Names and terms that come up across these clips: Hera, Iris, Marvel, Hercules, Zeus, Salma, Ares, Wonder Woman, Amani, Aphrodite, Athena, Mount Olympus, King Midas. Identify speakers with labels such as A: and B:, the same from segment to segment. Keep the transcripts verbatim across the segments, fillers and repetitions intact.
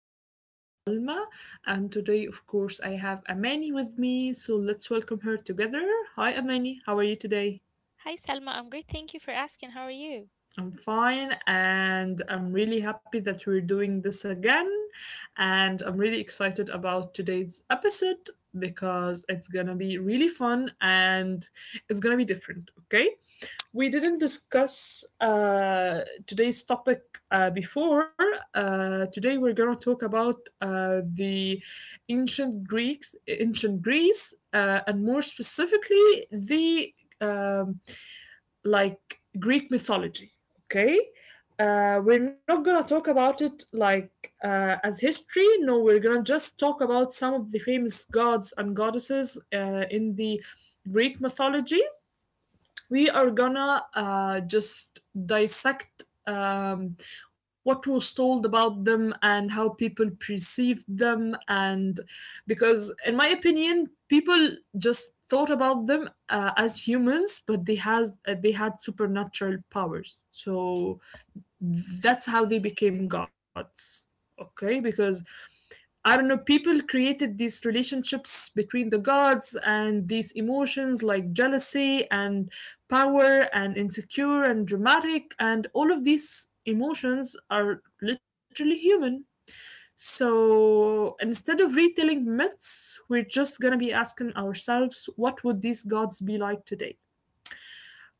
A: Your host Salma, and today, of course, I have Amani with me. So let's welcome her together. Hi, Amani. How are you today?
B: Hi, Salma. I'm great. Thank you for asking. How are you?
A: I'm fine, and I'm really happy that we're doing this again. And I'm really excited about today's episode because it's gonna be really fun and it's gonna be different, okay? We didn't discuss uh, today's topic uh, before. Uh, today we're gonna talk about uh, the ancient Greeks, ancient Greece, uh, and more specifically the um, like Greek mythology, okay? Uh, we're not gonna talk about it like uh, as history. No, we're gonna just talk about some the famous gods and goddesses uh, in the Greek mythology. We are gonna uh, just dissect um, what was told about them and how people perceived them. And because, in my opinion, people just thought about them uh, as humans, but they has uh, they had supernatural powers. So that's how they became gods, okay? Because I don't know, people created these relationships between the gods and these emotions like jealousy and power and insecure and dramatic, and all of these emotions are literally human. So instead of retelling myths, we're just going to be asking ourselves what gods be like today,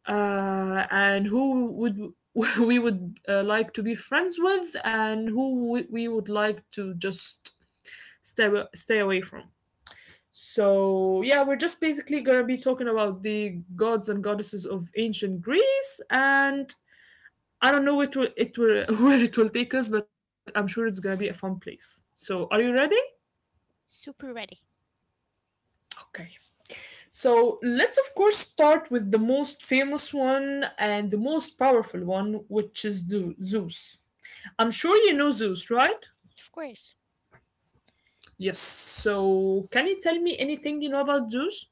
A: uh, and who would we would uh, like to be friends with and who we we would like to just stay wa- stay away from. So yeah, we're just basically going to be talking about the gods and goddesses of ancient Greece. And I don't know, it will, it will, where it will take us, but I'm sure it's going to be a fun place. So are you ready?
B: Super ready.
A: Okay, so let's of course start with the most famous one and the most powerful one, which is Zu- Zeus. I'm sure you know Zeus, right?
B: Of course.
A: Yes. So, can you tell me anything you know about Zeus?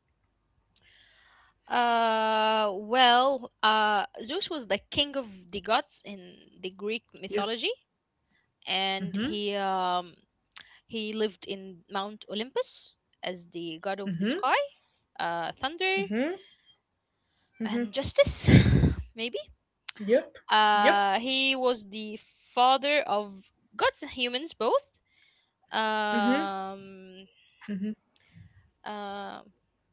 B: Uh, well, uh, Zeus was the king of the gods in the Greek
A: Yeah.
B: mythology, and
A: Mm-hmm.
B: he um he lived in Mount Olympus as the god of the
A: Mm-hmm.
B: sky, uh, thunder
A: Mm-hmm. Mm-hmm.
B: and justice, maybe.
A: Yep. Yep.
B: Uh, he was the father of gods and humans both.
A: Mm-hmm.
B: Um,
A: Mm-hmm.
B: uh,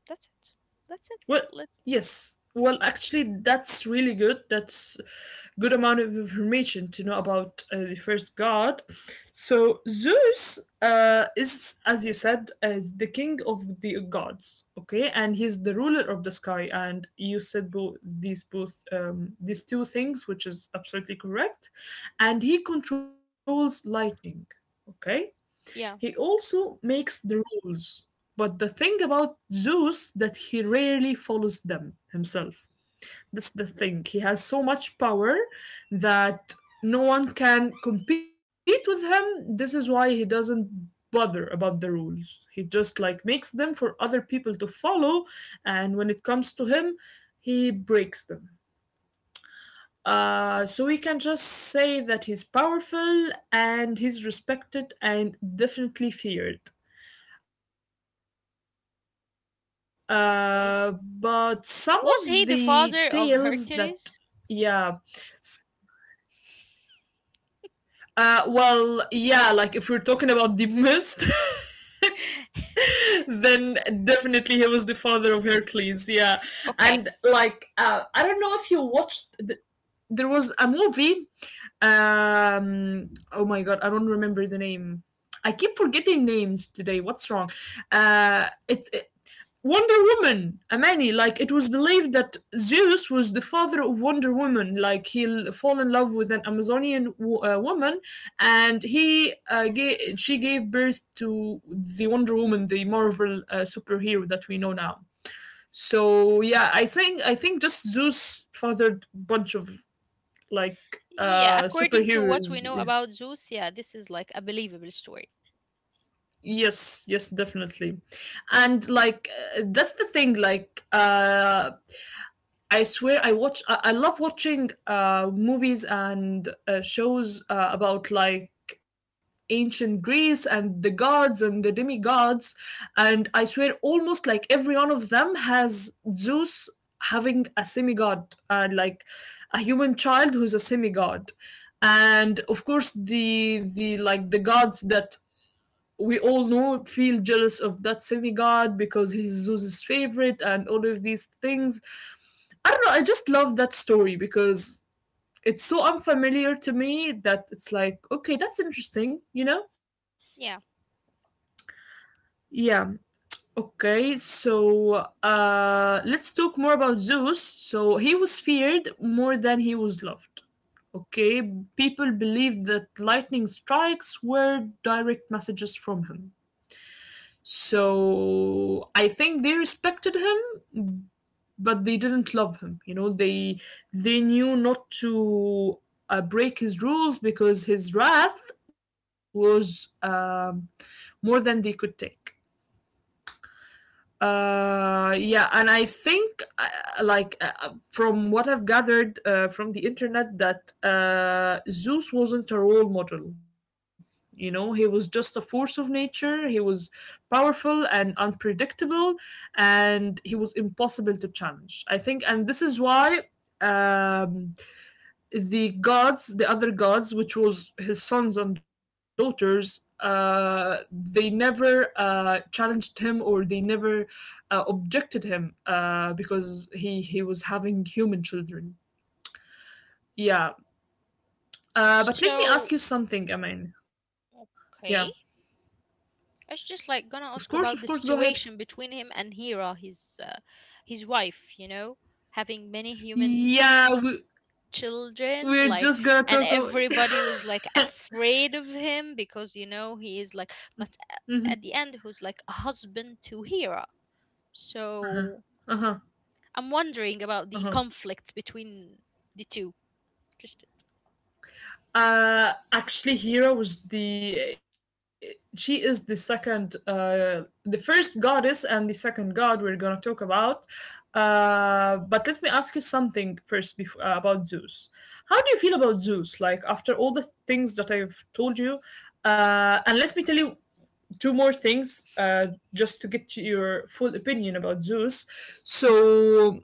B: that's it. That's it.
A: Well,
B: Let's
A: yes. Well, actually, that's really good. That's good amount of information to know about uh, the first god. So Zeus uh, is, as you said, is the king of the gods. Okay, and he's the ruler of the sky. And you said both these both um, these two things, which is absolutely correct. And he controls lightning. Okay, he
B: Yeah,
A: also makes the rules, but the thing about Zeus that he rarely follows them himself. That's the thing. He has so much power that no one can compete with him. This is why he doesn't bother about the rules. He just like makes them for other to follow, and when it comes to him, he breaks them. Uh, so we can just say that he's powerful and he's respected and definitely feared. Uh, but some of the
B: okay.
A: tales that,
B: Was he the
A: yeah.
B: father of
A: S-
B: Hercules?
A: uh well, yeah, like if we're talking about the mist then definitely he was the father of Hercules, yeah. And like uh I don't
B: Okay.
A: know if you watched th- there was a movie, um oh my god, I don't remember name. I keep forgetting names today, what's wrong. Uh it, it Wonder Woman, Amani, like it was believed that Zeus was the father of Wonder Woman. Like he l- fall in love with an Amazonian wo- uh, woman, and he uh, gave, she gave birth to the Wonder Woman, the Marvel uh, superhero that we know now. So yeah, I think I think just Zeus fathered bunch of like
B: Yeah,
A: uh,
B: according to what we
A: superheroes.
B: know about Zeus, yeah, this is like a believable story.
A: Yes, yes, definitely. And like, uh, that's the thing like, uh I swear I watch I, I love watching uh movies and uh, shows uh, about like ancient Greece and the gods and the demigods. And I swear almost like every them has Zeus having a semigod and like a human child who's a semigod. And of course the the like the gods that we all know feel jealous of that semi-god because he's Zeus's favorite and all of these things. I don't know, I just love that story because it's so unfamiliar to me that it's like, okay, that's interesting, you know?
B: Yeah.
A: Yeah. Okay, so uh let's talk more about Zeus. So he was feared more than he was loved. Okay, people believed that lightning strikes were direct messages from him. So I think they respected him, but they didn't love him, you know. They they knew not to uh, break his rules because his wrath was um, more than they could take. Uh, yeah, and I think, uh, like, uh, uh, from what I've gathered uh, from the internet, that uh, Zeus wasn't a role model. You know, he was just a force of nature. He was powerful and unpredictable, and he was impossible to challenge. I think, and this is why um, the gods, the other gods, which was his sons and daughters, uh, they never uh, challenged him or they never uh, him uh, because he he was having human children. Yeah, uh, but let me ask
B: So,
A: you something, Amin. Yeah,
B: okay. I was just
A: of
B: like
A: course,
B: gonna
A: of course.
B: ask
A: Go
B: about
A: ahead.
B: the situation between him and Hera, his uh, his wife, you know, having many human
A: Yeah, we,
B: children,
A: we're
B: like
A: just gonna
B: and
A: talk. About...
B: everybody was like afraid of him because you know he is like but uh, at the end who's like a husband to Hera. So
A: Uh huh.
B: I'm wondering about
A: Uh
B: the
A: huh.
B: conflict between the two. Just
A: Uh, actually, Hera was the she is the second, uh, the first goddess and the second god we're gonna talk about. Uh, but let me ask you something first before, uh, about Zeus. How do you feel about Zeus? Like after all the things that I've told you, uh, and let me tell you two more things, uh, just to get your full opinion about Zeus. So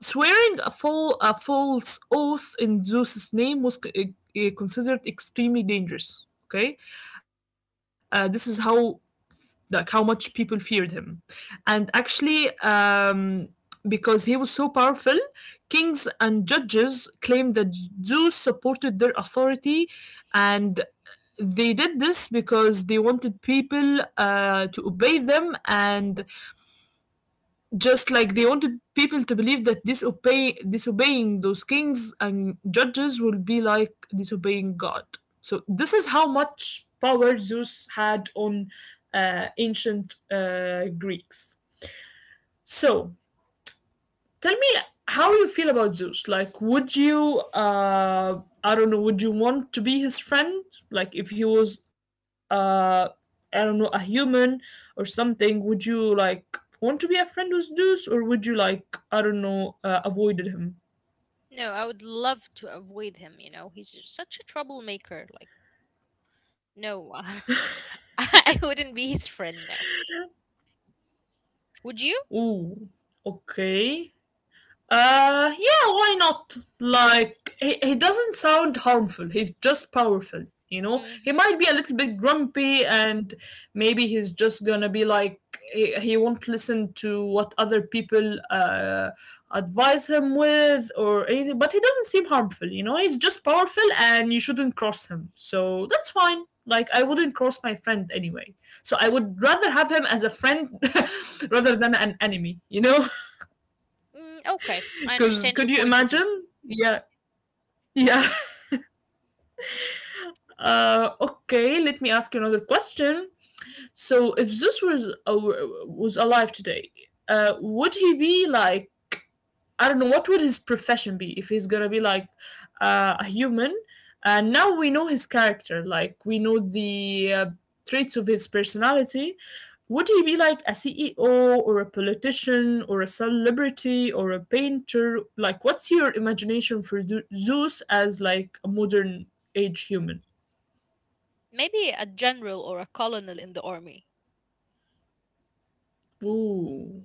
A: swearing a, full a false oath in Zeus's name was uh, considered extremely dangerous. Okay, uh, this is how like how much people feared him. And actually, um, because he was so powerful, kings and judges claimed that Zeus supported their authority, and they did this because they wanted people uh, to obey them, and just like they wanted people to believe that disobey disobeying those kings and judges will be like disobeying God. So this is how much power Zeus had on uh, ancient uh, Greeks. So tell me how you feel about Zeus. Like, would you, uh, I don't know, would you want to be his friend? Like, if he was, uh, I don't know, a human or something, would you like want to be a friend with Zeus, or would you like, I don't know, uh, avoided him?
B: No, I would love to avoid him, you know. He's just such a troublemaker. Like, no, I wouldn't be his friend now. Would you?
A: Ooh, okay. Uh, yeah, why not? Like, he, he doesn't sound harmful. He's just powerful, you know? He
B: Mm-hmm.
A: might be a little bit grumpy, and maybe he's just gonna be like, he, he won't listen to what other people uh, advise him with or anything, but he doesn't seem harmful, you know? He's just powerful and you shouldn't cross him. So that's fine. Like, I wouldn't cross my friend anyway. So I would rather have him as a friend rather than an enemy, you know?
B: Mm, okay, I
A: Because
B: understand your
A: could you
B: point of view.
A: imagine? Yeah, yeah. Uh, okay, let me ask you another question. So if Zeus was uh, was alive today, uh, would he be like, I don't know, what would his profession be if he's gonna be like uh, a human? And now we know his character, like we know the uh, traits of his personality. Would he be like a C E O or a politician or a celebrity or a painter? Like, what's your imagination for Zu- Zeus as like a modern age human?
B: Maybe a general or a colonel in the army.
A: Ooh.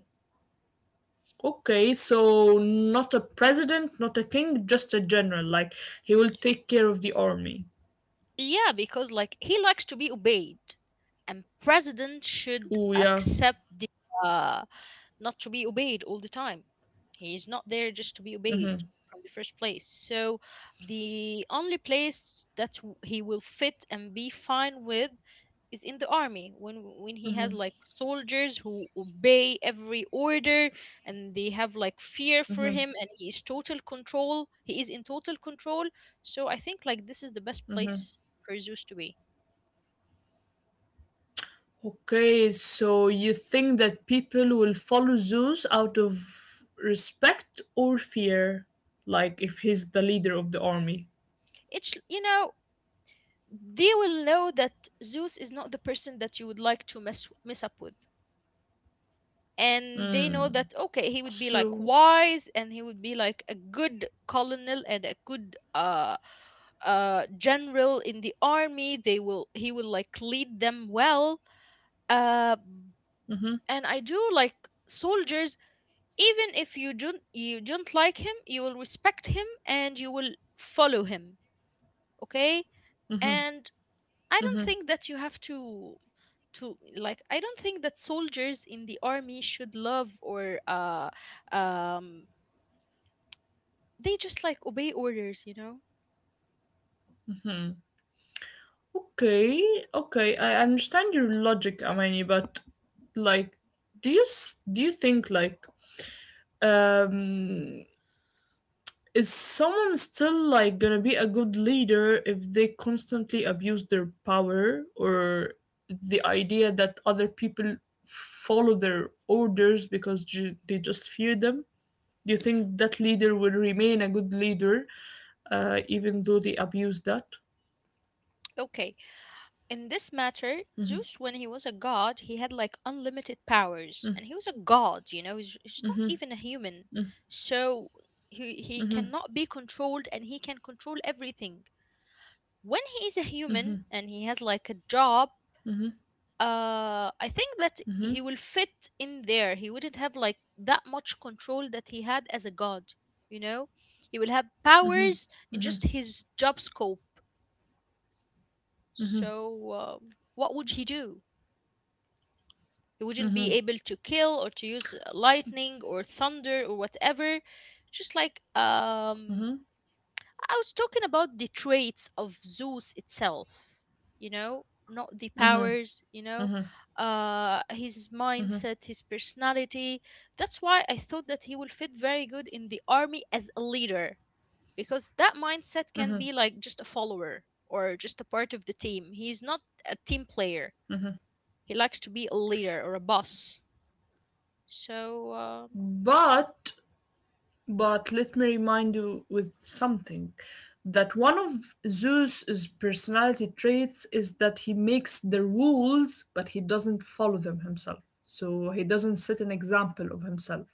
A: Okay, so not a president, not a king, just a general. Like he will take care of the army.
B: Yeah, because like he likes to be obeyed, and president should
A: Oh yeah.
B: accept the uh, not to be obeyed all the time. He is not there just to be obeyed
A: Mm-hmm.
B: from the first place. So the only place that w- he will fit and be fine with is in the army when when he has like soldiers who obey every order and they have like fear for
A: Mm-hmm.
B: him and he is total control he is in total control, so I think like this is the best place for Zeus to be.
A: Okay, so you think that people will follow Zeus out of respect or fear, like if he's the leader of the army.
B: It's you know they will know that Zeus is not the person that you would like to mess mess up with. And they know
A: Mm.
B: that, okay, he would be like
A: So.
B: wise and he would be like a good colonel and a good uh uh general in the army. They will he will like lead them well. Uh
A: Mm-hmm.
B: and I do like soldiers, even if you don't you don't like him, you will respect him and you will follow him. Okay?
A: Mm-hmm.
B: And I don't
A: Mm-hmm.
B: think that you have to to like I don't think that soldiers in the army should love or uh um they just like obey orders, you know?
A: Hmm. Okay. Okay. I understand your logic, Amani, but like, do you s- do you think like, um is someone still like gonna be a good leader if they constantly abuse their power, or the idea that other people follow their orders because ju- they just fear them? Do you think that leader will remain a good leader uh, even though they abuse that?
B: Okay. In this matter, Zeus when he was a god, he had like unlimited powers and he was a god, you know, he's, he's not
A: Mm-hmm,
B: even a human. So he he
A: mm-hmm,
B: cannot be controlled and he can control everything. When he is a
A: mm-hmm,
B: human and he has like a job,
A: mm-hmm,
B: uh I think that
A: mm-hmm.
B: he will fit in there. He wouldn't have like that much control that he had as a god, you know. He will have powers in just his job scope, so um, what would he do? He wouldn't be able to kill or to use uh, lightning or thunder or whatever. Just like um
A: Mm-hmm.
B: I was talking about the traits of Zeus itself, you know, not the powers, you know, uh, his mindset, his personality. That's why I thought that he will fit very good in the army as a leader, because that mindset can be like just a follower or just a part of the team. He's not a team player, he likes to be a leader or a boss. So, um
A: But But let me remind you with something that one of Zeus's personality traits is that he makes the rules, but he doesn't follow them himself. So he doesn't set an example of himself.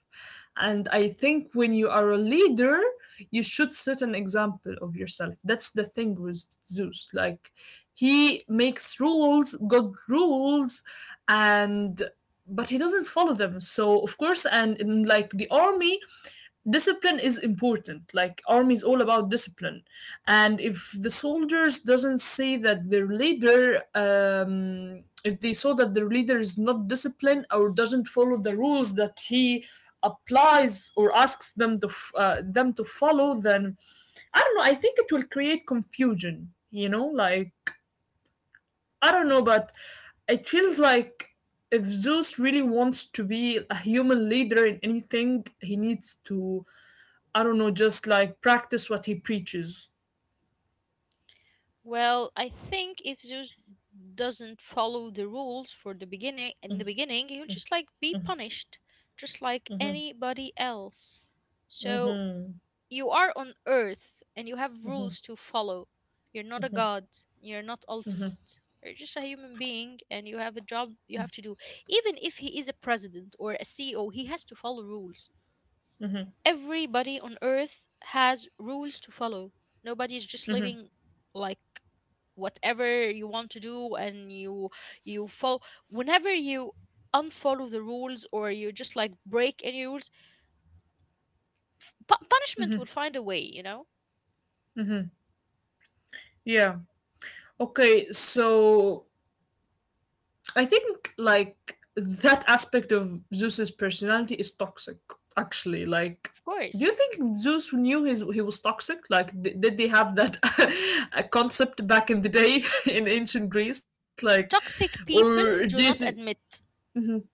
A: And I think when you are a leader, you should set an example of yourself. That's the thing with Zeus. Like he makes rules, good rules, and but he doesn't follow them. So of course, and in like the army, discipline is important, like army is all about discipline. And if the soldiers doesn't say that their leader um, if they saw that their leader is not disciplined or doesn't follow the rules that he applies or asks them to f- uh, them to follow, then I don't know, I create confusion, you know like I don't know, but it feels like if Zeus really wants to be a human leader in anything, he needs to, I don't know, just like practice what he preaches.
B: Well, I think if Zeus doesn't follow the rules for the beginning in the beginning, he'll just like be punished, just like anybody else. So
A: Mm-hmm.
B: you are on Earth and you have rules to follow. You're not a god. You're not ultimate. You're just a human being and you have a job you have to do. Even if he is a president or a C E O, he has to follow rules. Everybody on Earth has rules to follow. Nobody's just living like whatever you want to do and you you follow whenever you unfollow the rules or you just like break any rules. F- pu- punishment will find a way, you know.
A: Yeah. Okay, so I think like that aspect of Zeus's personality is toxic actually. Like
B: Of
A: do
B: course.
A: you think Zeus knew his he was toxic? Like d- did they have that uh, concept back in the day in ancient Greece, like
B: Toxic
A: or
B: people
A: do you
B: do
A: think—
B: not admit.
A: Mm-hmm.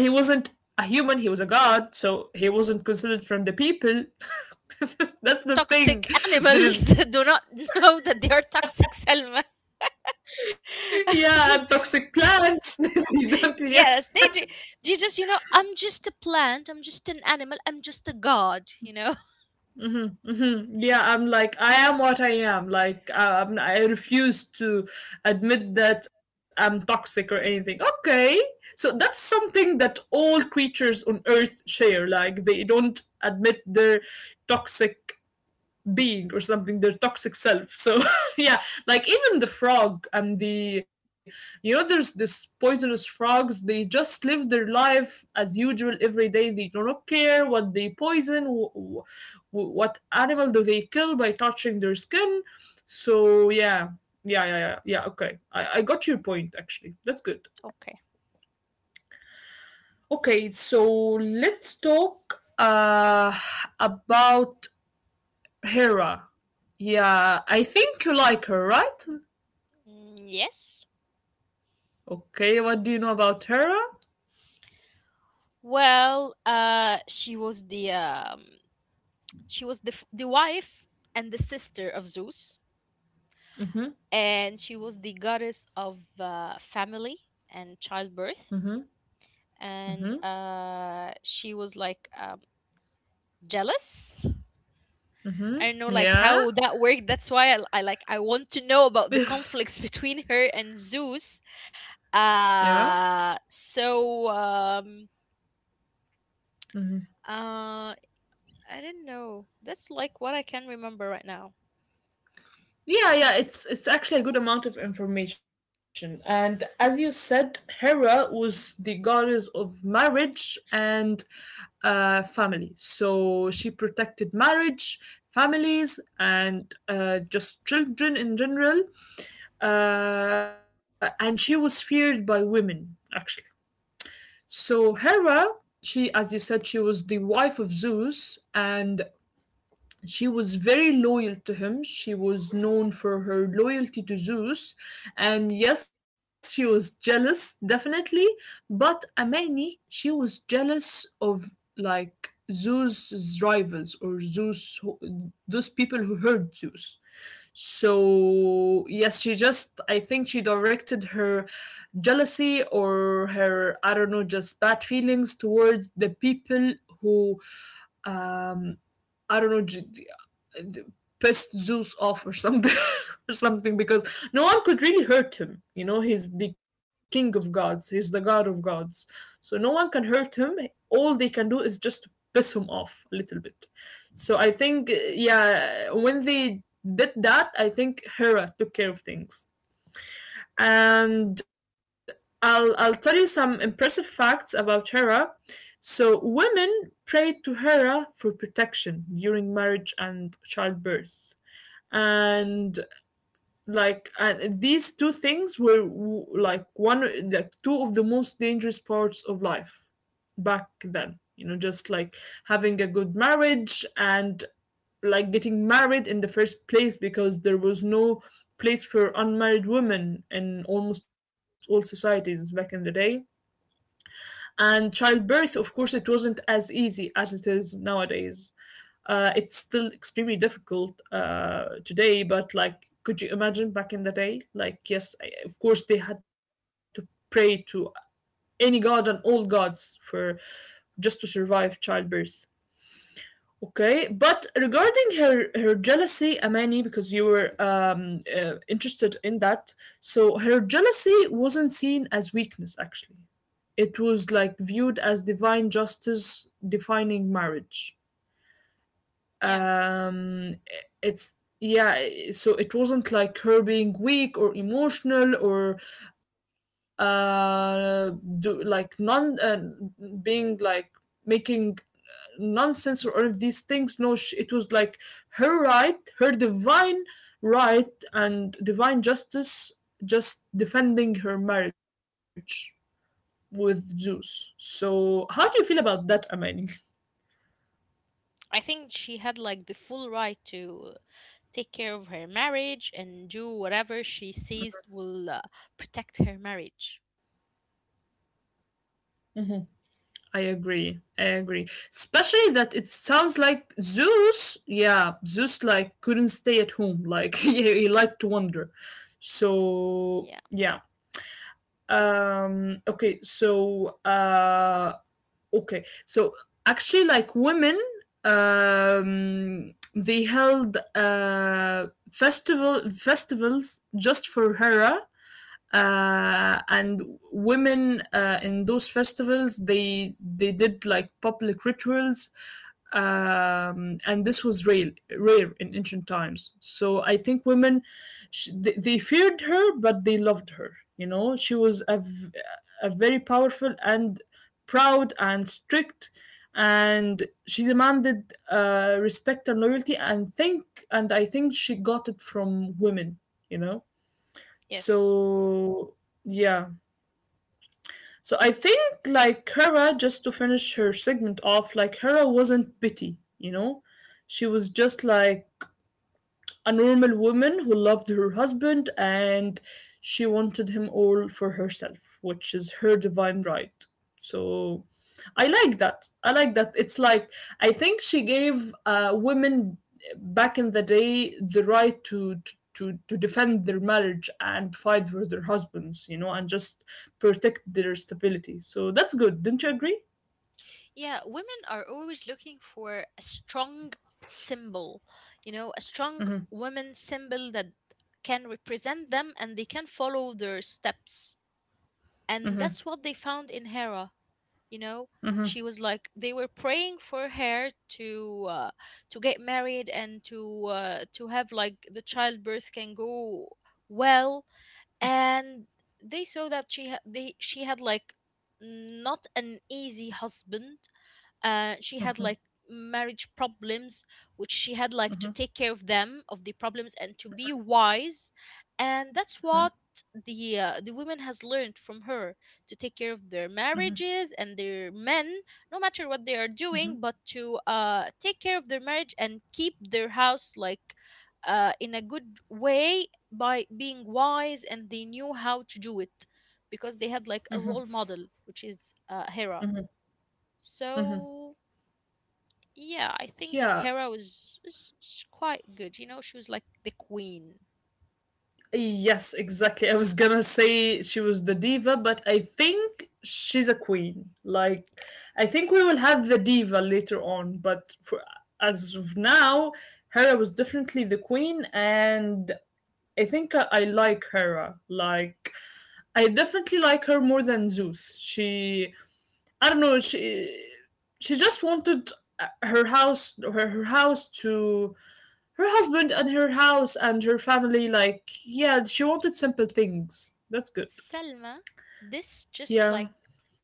A: Well, he wasn't a human, he was a god, so he wasn't considered from the people. That's the
B: Toxic
A: thing,
B: animals
A: that is—
B: do not know that they are toxic, Selma.
A: yeah, and toxic plants. You don't- yeah.
B: Yes they do. Do you just you know I'm just a plant, I'm just an animal, I'm just a god, you know.
A: Mhm. Yeah, I'm like, I am what I am, like, um, I refuse to admit that I'm toxic or anything, okay. So that's something that all creatures on earth share, like they don't admit their toxic being or something, their toxic self, so yeah. Like even the frog and the you know there's this poisonous frogs. They just live their life as usual every day. They do not care what they poison, wh- wh- what animal do they kill by touching their skin. So yeah. Yeah, yeah, yeah, yeah, okay, I, I got your point actually, that's good.
B: Okay.
A: Okay, so let's talk uh about Hera. Yeah, I think you like her, right?
B: Mm, yes.
A: Okay, what do you know about Hera?
B: Well uh she was the um she was the, f- the wife and the sister of Zeus,
A: Mm-hmm.
B: and she was the goddess of uh, family and childbirth.
A: Mm-hmm.
B: And
A: Mm-hmm.
B: uh, she was like um, jealous. I
A: Mm-hmm.
B: don't know like
A: Yeah.
B: how that worked. That's why I, I like I want to know about the conflicts between her and Zeus.
A: Yeah.
B: Uh, so um, uh, I do not know. That's like what I can remember right now.
A: Yeah, yeah, it's it's actually a good amount of information. And as you said, Hera was the goddess of marriage and uh, family. She protected marriage, families, and uh, just children in general. Uh, and she was feared by women, actually. So Hera, she, as you said, she was the wife of Zeus, and she was very loyal to him. She was known for her loyalty to Zeus. And yes, she was jealous, definitely. But Amani, she was jealous of like Zeus's rivals, or Zeus, who- those people who hurt Zeus. So, yes, she just, I think she directed her jealousy or her, I don't know, just bad feelings towards the people who um I don't know, j- d- d- pissed Zeus off or something or something, because no one could really hurt him, you know he's the king of gods, he's the god of gods. So no one can hurt him, all they can do is just piss him off a little bit. So I think, yeah, when they did that, I think Hera took care of things. And I'll I'll tell you some impressive facts about Hera. So women prayed to Hera for protection during marriage and childbirth. And like, and these two things were w- like one like two of the most dangerous parts of life back then. You know, just like having a good marriage, and like getting married in the first place, because there was no place for unmarried women in almost all societies back in the day. And childbirth, of course, it wasn't as easy as it is nowadays. Uh, it's still extremely difficult uh, today, but like could you imagine back in the day? Like yes, I, of course they had to pray to any god and all gods for— just to survive childbirth. Okay, but regarding her her jealousy, Amani, because you were um, uh, interested in that, so her jealousy wasn't seen as weakness. Actually, it was like viewed as divine justice defining marriage.
B: Yeah.
A: Um, it's Yeah, so it wasn't like her being weak or emotional or uh, do, like non uh, being like making nonsense or any of these things. No, sh it was like her right, her divine right, and divine justice just defending her marriage with Zeus. So, how do you feel about that, Amani?
B: I think she had like the full right to take care of her marriage and do whatever she sees will uh, protect her marriage.
A: Mm-hmm. I agree. I agree. Especially that it sounds like Zeus, yeah, Zeus like couldn't stay at home. Like he, he liked to wander. So
B: Yeah,
A: yeah. Um okay, so uh Okay, so actually, like women, um, they held uh, festival festivals just for Hera, uh, and women, uh, in those festivals they they did like public rituals, um, and this was rare, rare in ancient times. Think women, sh they, they feared her, but they loved her. You know, she was a, v- a very powerful and proud and strict, and she demanded uh, respect and loyalty. And think, and I think she got it from women. You know.
B: yes.
A: So yeah. So I think like Hera, just to finish her segment off, like Hera wasn't bitty, you know? She was just like a normal woman who loved her husband, and she wanted him all for herself, which is her divine right. So I like that. I like that. It's like, I think she gave uh, women back in the day the right to— to to, to defend their marriage and fight for their husbands, you know, and just protect their stability. So that's good, don't you agree?
B: Yeah, women are always looking for a strong symbol, you know, a strong
A: Hmm.
B: woman symbol that can represent them and they can follow their steps. And that's what they found in Hera, you know. She was like they were praying for her to uh, to get married and to uh, to have like the childbirth can go well, and they saw that she ha- they she had like not an easy husband. Uh, she had like marriage problems which she had like to take care of them of the problems and to be wise, and that's what the uh, the women has learned from her to take care of their marriages and their men no matter what they are doing, but to uh take care of their marriage and keep their house like uh in a good way by being wise, and they knew how to do it because they had like a role model, which is uh, Hera.
A: Hmm.
B: So yeah, I think that
A: Yeah,
B: Hera was, was, was quite good. You know, she was like the queen.
A: yes, exactly. I was gonna say she was the diva, but I think she's a queen. Like, I think we will have the diva later on, but for— as of now, Hera was definitely the queen, and I think I, I like Hera. Like, I definitely like her more than Zeus. She, I don't know, she, she just wanted uh, her house, her, her house to— her husband and her house and her family. Like, yeah, she wanted simple things. That's good.
B: Selma, this just
A: Yeah.
B: like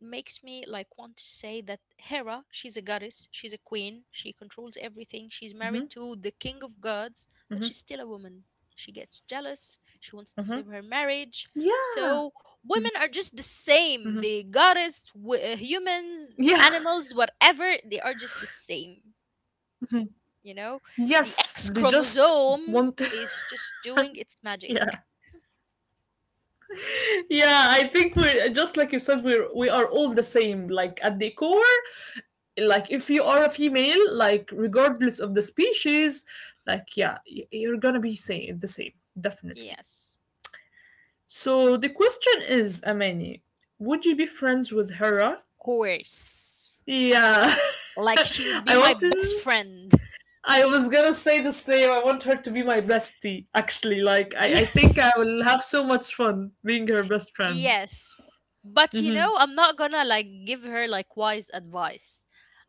B: makes me like want to say that Hera, she's a goddess,
A: Mm-hmm.
B: she's a queen, she controls everything,
A: Mm-hmm.
B: she's married to the king of gods, but she's still a woman.
A: Mm-hmm.
B: She gets jealous, she wants
A: Yeah.
B: to save her
A: Mm-hmm.
B: marriage. So
A: Mm-hmm.
B: women are just the same. The goddess, w-
A: Yeah.
B: uh, humans, animals, whatever, they are just the
A: Mhm.
B: same. You
A: Yes,
B: know,
A: they
B: the
A: just
B: X
A: want.
B: chromosome is just doing
A: Yeah.
B: its magic.
A: Yeah, I think we're just like you said. We're we are all the same. Like at the core, like if you are a female, like regardless of the species, like yeah, y- you're gonna be same the same definitely.
B: Yes,
A: So the question is, Amani, would you be friends with Hera?
B: of course.
A: Yeah.
B: Like she would
A: I
B: be my
A: want
B: best
A: to
B: friend.
A: I was gonna say the same. I want her to be my bestie, actually. Like I, I think I
B: Yes,
A: will have so much fun being her best friend.
B: yes. But
A: Hmm.
B: you
A: No, no,
B: know, I'm not gonna like give her like wise advice.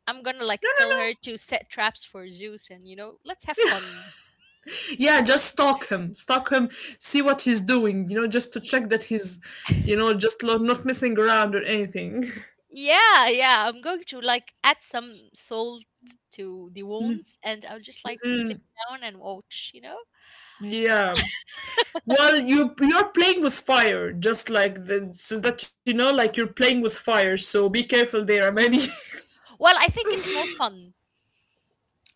B: I'm gonna like tell her
A: no.
B: to set traps for Zeus and you know, let's have fun.
A: Yeah, just stalk him. Stalk him, see what he's doing, you know, just to
B: Y-
A: check that he's, you know, just lo- not messing around or anything.
B: yeah, yeah. I'm going to like add some salt to the wounds and I'll just like sit
A: Mm,
B: down and watch, you know?
A: yeah. Well, you you're playing with fire, just like the so that you know, like you're playing with fire. So be careful there, Amani.
B: Well, I think it's more fun.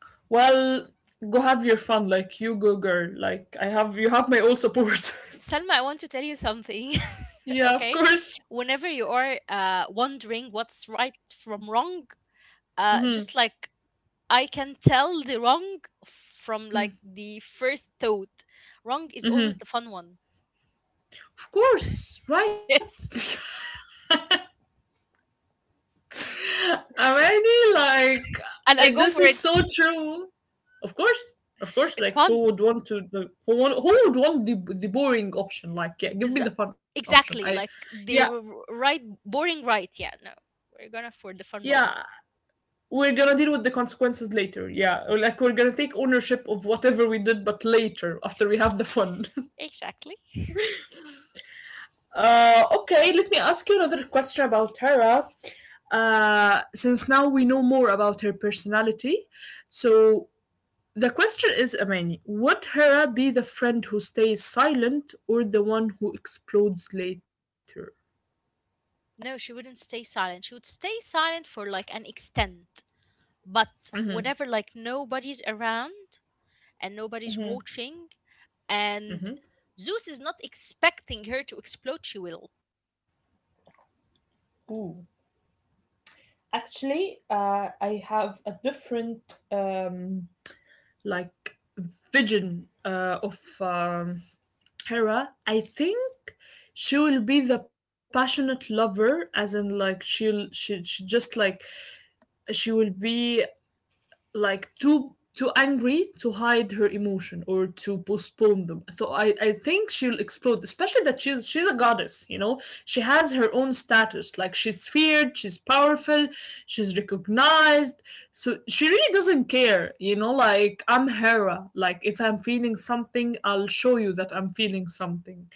A: Well, go have your fun, like you go, girl. Like I have, you have my all support.
B: Selma, I want to tell you something.
A: Yeah, of
B: Okay.
A: course.
B: Whenever you are uh, wondering what's right from wrong, uh,
A: Mm-hmm.
B: just like I can tell the wrong from like the first thought. Wrong is always
A: Mm-hmm.
B: the fun one.
A: Of course, right?
B: Yes.
A: Amani, like
B: And
A: uh,
B: I go
A: this
B: for
A: is
B: it.
A: so true. Of course, of course.
B: It's
A: Like who
B: fun.
A: would want to? The, who want? Who would want the the boring option? Like yeah, give
B: Biz-
A: me the fun option. I,
B: exactly. Like
A: yeah,
B: the r- right, boring right. Yeah, no. We're gonna for the fun wrong.
A: yeah. We're gonna deal with the consequences later, yeah, like we're gonna take ownership of whatever we did, but later after we have the fun.
B: Exactly.
A: uh okay, let me ask you another question about Hera. Uh since now we know more about her personality, so the question is, Amani, would Hera be the friend who stays silent or the one who explodes later?
B: No, she wouldn't stay silent. She would stay silent for like an extent. But whenever like nobody's around and nobody's watching and Zeus is not expecting her to explode, she will.
A: Ooh. Actually, uh, I have a different um, like vision uh, of um, Hera. I think she will be the passionate lover, as in like she'll she, she just like she will be like too too angry to hide her emotion or to postpone them. So I, I think she'll explode, especially that she's she's a goddess, you know? She has her own status. Like she's feared, she's powerful, she's recognized. So she really doesn't care, you know, like I'm Hera. Like if I'm feeling something, I'll show you that I'm feeling something.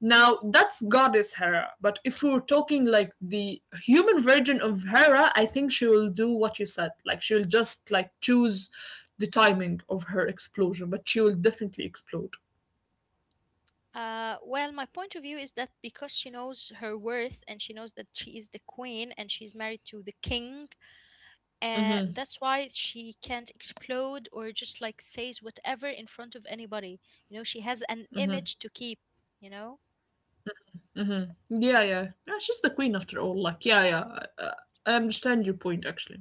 A: Now that's goddess Hera, but if we were talking like the human version of Hera, I think she will do what you said. Like she will just like choose the timing of her explosion, but she will definitely explode.
B: Uh, well, my point of view is that because she knows her worth and she knows that she is the queen and she's married to the king,
A: Mm-hmm,
B: and that's why she can't explode or just like says whatever in front of anybody, you know she has an
A: mm-hmm,
B: image to keep, you know.
A: mm-hmm. Yeah, yeah, yeah. She's the queen after all. Like, yeah, yeah. I, I understand your point actually.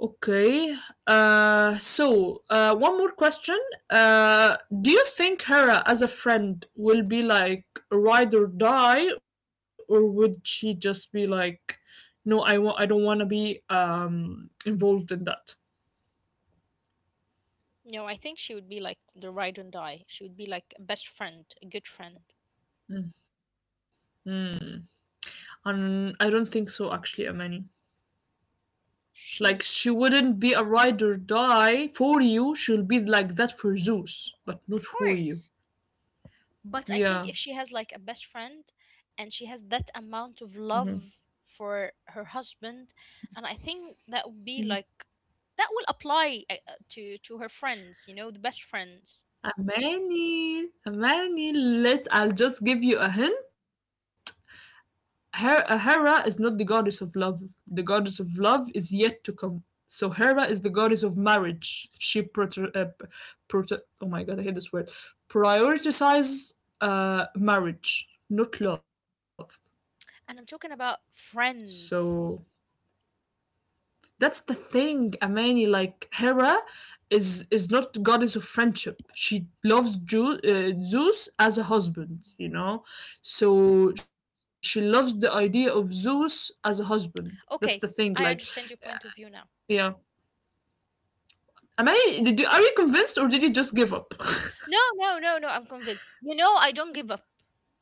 A: Okay. Uh, so uh, one more question. Uh, do you think Hera as a friend will be like ride or die, or would she just be like, no, I want, I don't want to be um involved in that?
B: No, I think she would be like the ride and die. She would be like a best friend, a good friend.
A: Hmm. Um, I don't think so. Actually, Amani. Like she
B: She's
A: wouldn't be a ride or die for you. She'll be like that for Zeus, but not
B: of
A: for you.
B: course, but I think
A: Yeah.
B: if she has like a best friend and she has that amount of love for her husband, and I think that would be like that will apply uh, uh, to to her friends, you know, the best friends.
A: Amani, Amani, let I'll just give you a hint. Her, uh, Hera is not the goddess of love. The goddess of love is yet to come. So Hera is the goddess of marriage. She prote- uh, prote- oh my god, I hate this word. Prioritizes uh, marriage, not love.
B: And I'm talking about
A: So—
B: friends.
A: that's the thing, Amani. Like Hera is is not goddess of friendship. She loves Ju- uh, Zeus as a husband,
B: Mm.
A: you know. So she loves the idea of Zeus as a husband.
B: Okay,
A: That's the
B: I
A: thing. Like,
B: understand your point of view now.
A: yeah. Amani, did you, are you convinced or did you just give up?
B: No, no, no, no, I'm convinced. You know, I don't give up.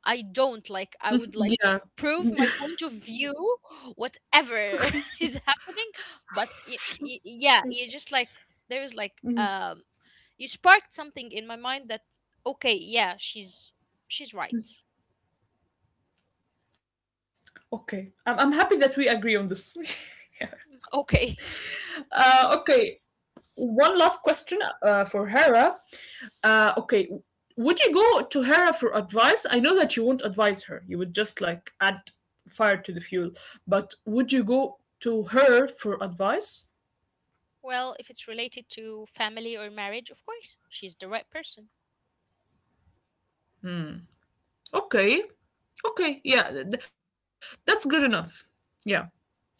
B: I don't like, I would like prove
A: Yeah.
B: my point of view, whatever is happening. But y- y- yeah, you just like, there is like, um,
A: Mhm.
B: you sparked something in my mind that, okay, yeah, she's, she's right.
A: Okay. I'm, I'm happy that we agree on this.
B: Okay.
A: uh, okay. One last uh, for Hera. Uh, okay. Would you go to her for advice? I know that you won't advise her. You would just like add fire to the fuel. But would you go to her for advice?
B: Well, if it's related to family or marriage, of course, she's the right person.
A: Okay. Okay. Yeah. Th- that's good enough. Yeah.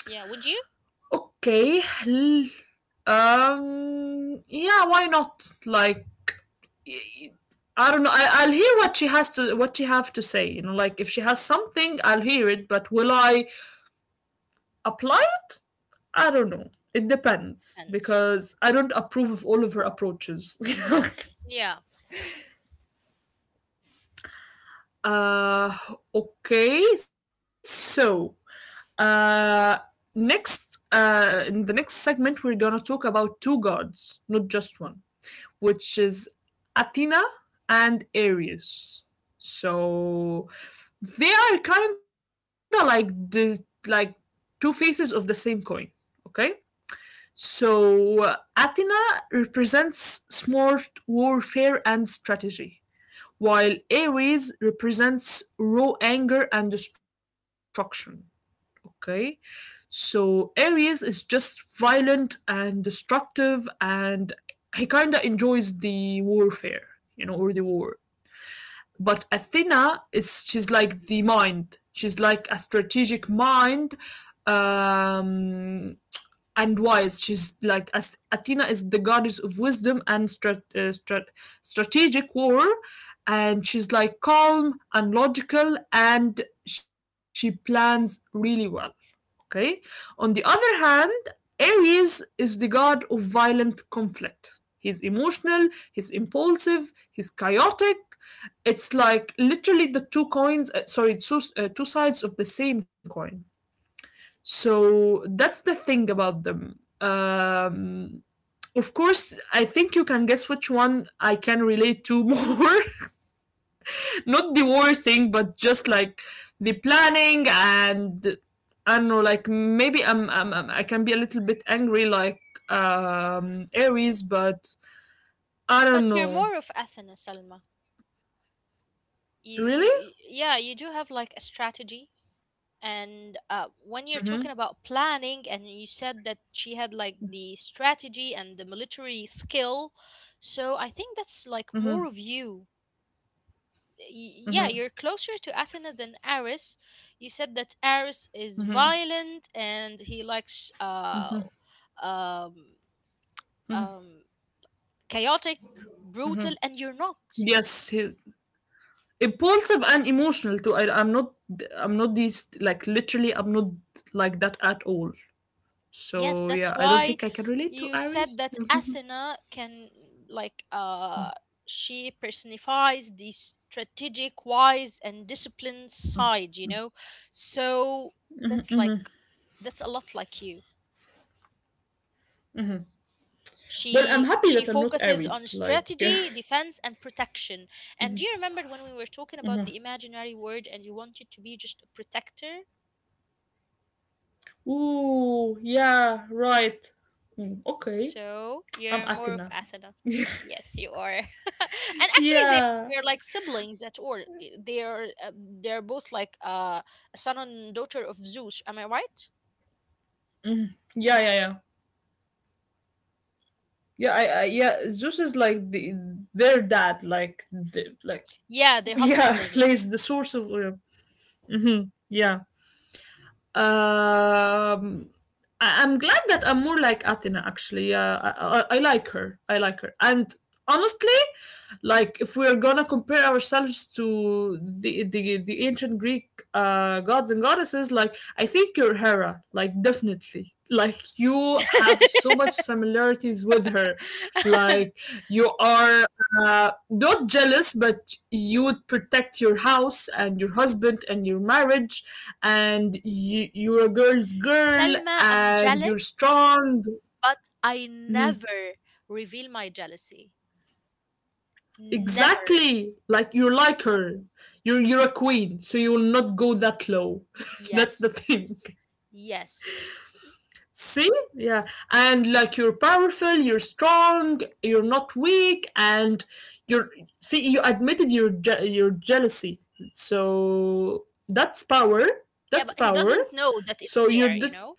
B: Yeah, would you?
A: Okay. l- Um. Yeah. Why not? Like. I I don't know. I, I'll hear what she has to what she have to say. You know, like if she has something, I'll hear it. But will I apply it? I don't know. It depends
B: Athens.
A: because I don't approve of all of her approaches.
B: Yeah,
A: uh, okay, so uh, next, uh, in the next segment, we're gonna talk about two gods, not just one, which is Athena and Ares. So they are kind of like the like two faces of the same coin. Okay, so Athena represents smart warfare and strategy, while Aries represents raw anger and destruction. Okay, so Aries is just violent and destructive, and he kind of enjoys the warfare, you know, or the war. But Athena is she's like the mind. She's like a strategic mind um and wise. She's like as Athena is the goddess of wisdom and strat, uh, strat, strategic war, and she's like calm and logical, and she plans really well. Okay. On the other hand, Aries is the god of violent conflict. He's emotional, he's impulsive, he's chaotic. It's like literally the two coins, uh, sorry, two, uh, two sides of the same coin. So that's the thing about them. Um, of course, I think you can guess which one I can relate to more. Not the war thing, but just like the planning and I don't know, like maybe I'm, I'm, I'm- i can be a little bit angry, like um, Aries, but I
B: but
A: don't
B: you're
A: know.
B: more of Athens, Salma. You,
A: Really?
B: you, you- yeah, you do have like a strategy, and uh, when you're
A: Mm-hmm.
B: talking about planning, and you said that she had like the strategy and the military skill, so I think that's like more
A: Mm-hmm.
B: of you. Y- Yeah,
A: Mm-hmm.
B: you're closer to Athena than Ares. You said that Ares is
A: Mm-hmm.
B: violent and he likes uh,
A: Mm-hmm.
B: um, um, chaotic, brutal, and you're not.
A: Yes. He, impulsive and emotional too. I, I'm not I'm not these like literally I'm not like that at all.
B: Yes,
A: So yeah,
B: that's
A: I don't
B: why
A: think I can relate to
B: you said
A: Aries.
B: that Athena can like uh she personifies the strategic, wise and disciplined side, you know. So that's like that's a lot like you.
A: Well, I'm
B: She
A: happy
B: she
A: that I'm not
B: focuses
A: Aries.
B: on
A: Like,
B: strategy, defense and protection. And do you remember when we were talking about the imaginary word and you wanted to be just a protector?
A: ooh, yeah, right. Mm, okay,
B: So
A: I'm
B: you're more of
A: Athena.
B: Athena. Yes, you are. And actually, they
A: Yeah,
B: they're like siblings at all. I- They're uh, they're both like uh, a son and daughter of Zeus. Am I right?
A: yeah, yeah, yeah. Yeah, I, I yeah. Zeus is like the their dad, like the, like
B: Yeah, they're half
A: yeah, like
B: siblings.
A: he's the source of. Uh, mhm, yeah. Um, I- I'm glad that I'm more like Athena actually. Yeah, I-, I I like her. I like her. And honestly, like if we're gonna compare ourselves to the the, the ancient Greek uh, gods and goddesses, like I think you're Hera. Like definitely. Like you have so much similarities with her. Like you are uh, not jealous, but you would protect your house and your husband and your marriage, and you, you're a girl's girl
B: Selma, I'm
A: and
B: jealous,
A: you're strong.
B: but I
A: Mhm.
B: never reveal my jealousy. Never.
A: Exactly, like you're like her. You're you're a queen, so you will not go that low. That's the
B: Yes.
A: thing.
B: Yes.
A: See? Yeah. And like you're powerful, you're strong, you're not weak, and you're see, you admitted your je- your jealousy. So that's power.
B: Yeah,
A: That's
B: but he
A: power.
B: doesn't know that it's
A: So you're
B: there, you
A: the,
B: know?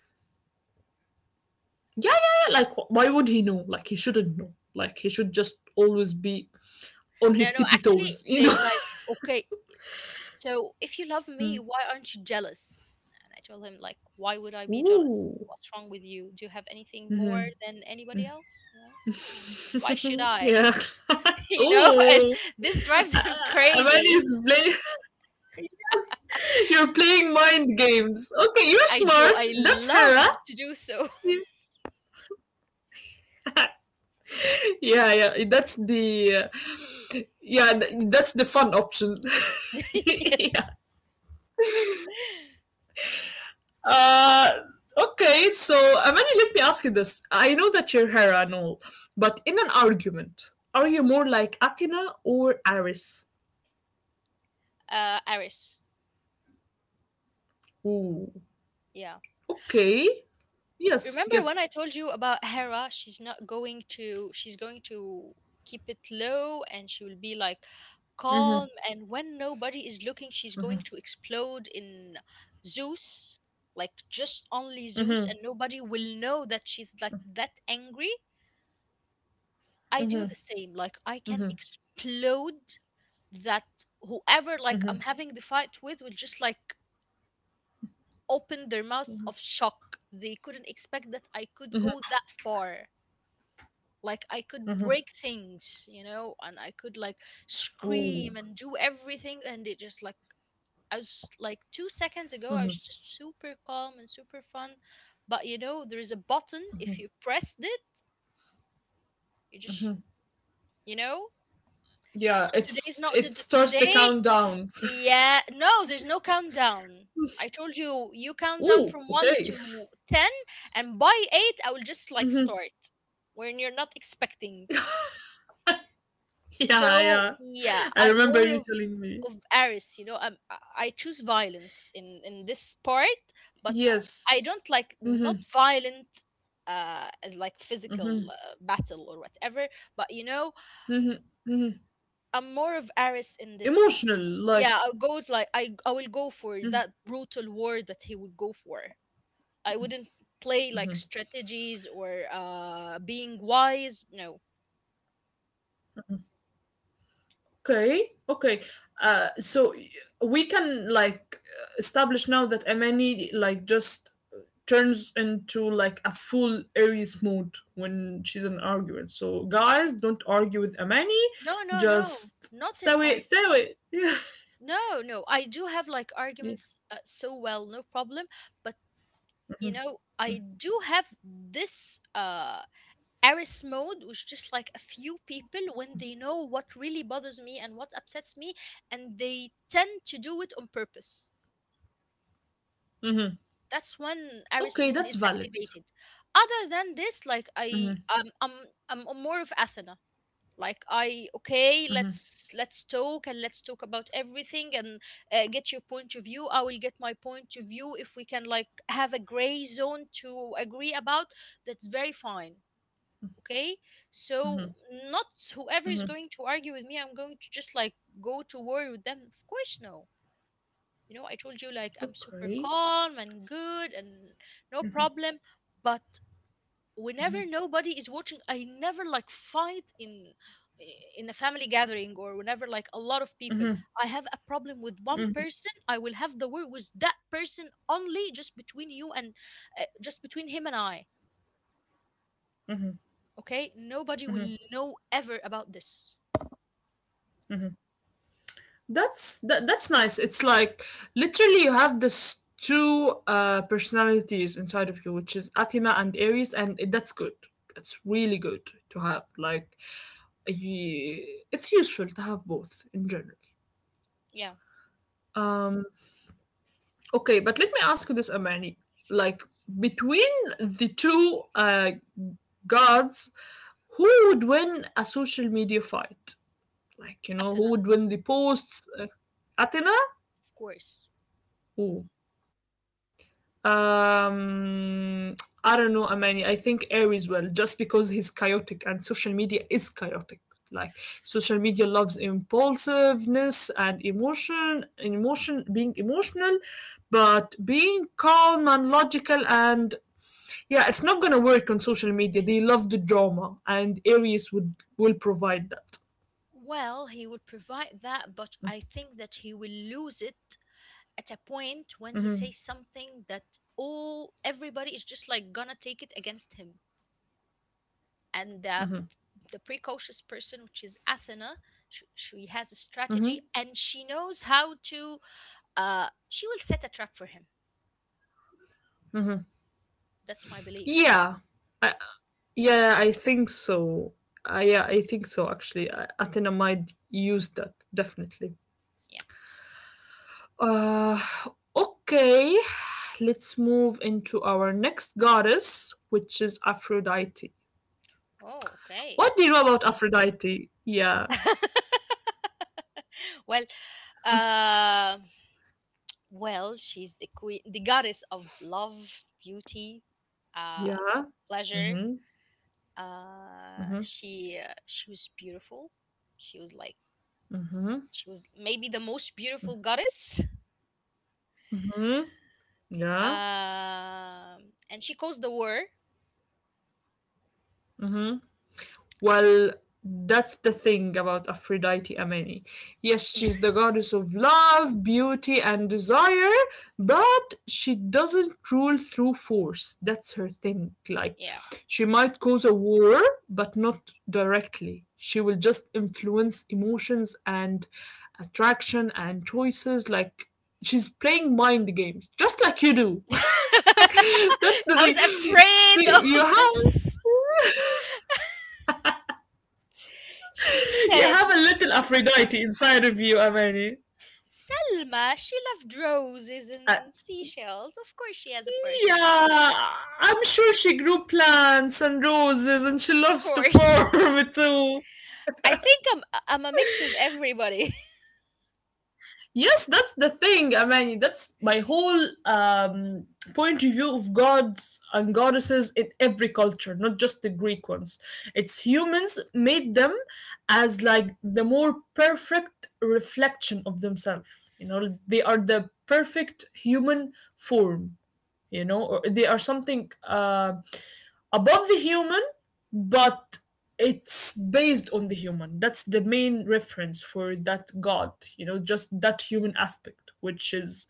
A: yeah, yeah, yeah. Like why would he know? Like he shouldn't know. Like he should just always be on
B: No,
A: his
B: no,
A: tippy
B: actually,
A: toes, you know?
B: they like, okay, So if you love me,
A: Mm.
B: why aren't you jealous? And I told him, like, why would I be jealous?
A: Ooh.
B: What's wrong with you? Do you have anything more
A: Mhm.
B: than anybody else? You know, why should I?
A: yeah.
B: You know, and
A: Oh,
B: this drives him
A: Amani
B: crazy.
A: is play. You're playing mind games. Okay, you're
B: I do.
A: smart.
B: I
A: That's Hera.
B: love to do so.
A: Yeah, yeah. That's the uh, yeah. th- That's the fun option. yeah.
B: Yes.
A: Uh, okay. So, Amani, let me ask you this. I know that you're Hera and all, but in an argument, are you more like Athena or Ares?
B: Uh, Iris.
A: Ooh.
B: Yeah.
A: Okay. Yes.
B: Remember when I
A: Yes.
B: told you about Hera? She's not going to, She's going to keep it low and she will be like calm. And when nobody is looking, she's going to explode in Zeus, like just only Zeus,
A: Mm-hmm.
B: and nobody will know that she's like that angry. I do the same. Like I can explode that whoever like I'm having the fight with will just like open their mouth of shock. They couldn't expect that I could go that far. Like I could break things, you know, and I could like
A: Ooh.
B: scream and do everything, and it just like I was like two seconds ago I was just super calm and super fun, but you know there is a button if you pressed it, you just, you know. It's
A: Yeah.
B: not today's
A: It's
B: not
A: it
B: the,
A: starts the
B: today
A: countdown.
B: Yeah, no, there's no countdown. I told you, you count down
A: Ooh.
B: from one
A: Okay.
B: to ten and by eight I will just like start when you're not expecting.
A: Yeah,
B: So
A: yeah.
B: yeah,
A: I
B: I'm
A: remember
B: more
A: you
B: of
A: telling me.
B: of Aries, you know. I'm, I I choose violence in in this part, but I, I
A: Yes.
B: don't like
A: Mhm,
B: not violent uh as like physical
A: mhm,
B: uh, battle or whatever. But you know,
A: mhm, mhm.
B: I'm more of Aries in this.
A: Emotional, like.
B: Yeah, I'll go with, like I I will go for that brutal war that he would go for. I wouldn't play like
A: Mhm.
B: strategies or uh being wise. No,
A: Okay, okay. Uh, so y- we can like uh, establish now that Amani like just turns into like a full Aries mode when she's in an argument. So guys, don't argue with Amani.
B: no, no, no.
A: Just
B: Not
A: stay
B: in R.
A: away, stay away.
B: No, no, I do have like
A: Yeah.
B: arguments uh, so well, no problem. But you know, I do have this uh Aris mode, which just like a few people when they know what really bothers me and what upsets me, and they tend to do it on purpose.
A: Mhm.
B: That's when Aris
A: Okay,
B: mode
A: that's
B: is
A: valid.
B: activated. Other than this, like I,
A: Mhm,
B: um, I'm, I'm more of Athena. Like I okay,
A: mhm,
B: let's let's talk and let's talk about everything, and uh, get your point of view, I will get my point of view. If we can like have a gray zone to agree about, that's very fine. Okay, so not whoever is
A: mhm.
B: going to argue with me, I'm going to just like go to war with them, of course no. You know, I told you like I'm super
A: Okay.
B: calm and good and no problem. But whenever nobody is watching, I never like fight in in a family gathering or whenever like a lot of people, I have a problem with one person,
A: Mm.
B: I will have the word with that person only, just between you and uh, just between him and I. Okay, nobody will know ever about this.
A: That's that, that's nice. It's like literally you have this two uh personalities inside of you, which is Athena and Aries, and it, that's good. That's really good to have. Like y- it's useful to have both in general.
B: Yeah,
A: Um okay, but let me ask you this, Amani. Like between the two uh gods, who would win a social media fight? Like, you know, who
B: Athena,
A: would win the posts? Uh, Athena?
B: of course.
A: Who? Um, I don't know, Amani. I think Aries will just because he's chaotic and social media is chaotic. Like social media loves impulsiveness and emotion, emotion being emotional, but being calm and logical and yeah, it's not gonna work on social media. They love the drama, and Aries would will provide that.
B: Well, he will provide that, but I think that he will lose it at a point when he
A: Mm-hmm.
B: says something that all everybody is just like gonna take it against him. And the, the precocious person, which is Athena, she, she has a
A: Mm-hmm.
B: strategy and she knows how to uh she will set a trap for him.
A: Mm-hmm.
B: That's my belief.
A: Yeah, I, Yeah, I think so. I yeah, I think so actually. I Atenamide used that definitely.
B: Yeah.
A: Uh okay. Let's move into our next goddess, which is Aphrodite.
B: Oh, okay.
A: What do you know about Aphrodite? Yeah.
B: Well, uh, well she's the queen, the goddess of love, beauty, uh
A: Yeah.
B: pleasure.
A: Mm-hmm.
B: Uh
A: Mm-hmm.
B: she uh, she was beautiful. She was like,
A: Mm-hmm.
B: she was maybe the most beautiful goddess.
A: Mm-hmm. Yeah.
B: Um, and she caused the war.
A: Mm-hmm. Well, that's the thing about Aphrodite Amene. Yes, she's the goddess of love, beauty, and desire, but she doesn't rule through force. That's her thing. Like,
B: Yeah.
A: she might cause a war, but not directly. She will just influence emotions and attraction and choices. Like, she's playing mind games, just like you do. that's the
B: I was
A: thing.
B: afraid
A: You
B: of this.
A: have.
B: She
A: You
B: said it.
A: have a little Aphrodite inside of you, Amani.
B: Selma, she loved roses
A: Uh,
B: and seashells. Of course, she has a part of me.
A: yeah, I'm sure she grew plants and roses and she
B: Of
A: loves to
B: course.
A: farm too.
B: I think I'm I'm a mix of everybody.
A: Yes, that's the thing, Amani. That's my whole um, point of view of gods and goddesses in every culture, not just the Greek ones. It's humans made them as like the more perfect reflection of themselves. You know, they are the perfect human form you know or they are something uh, above the human but it's based on the human, that's the main reference for that god, you know, just that human aspect which is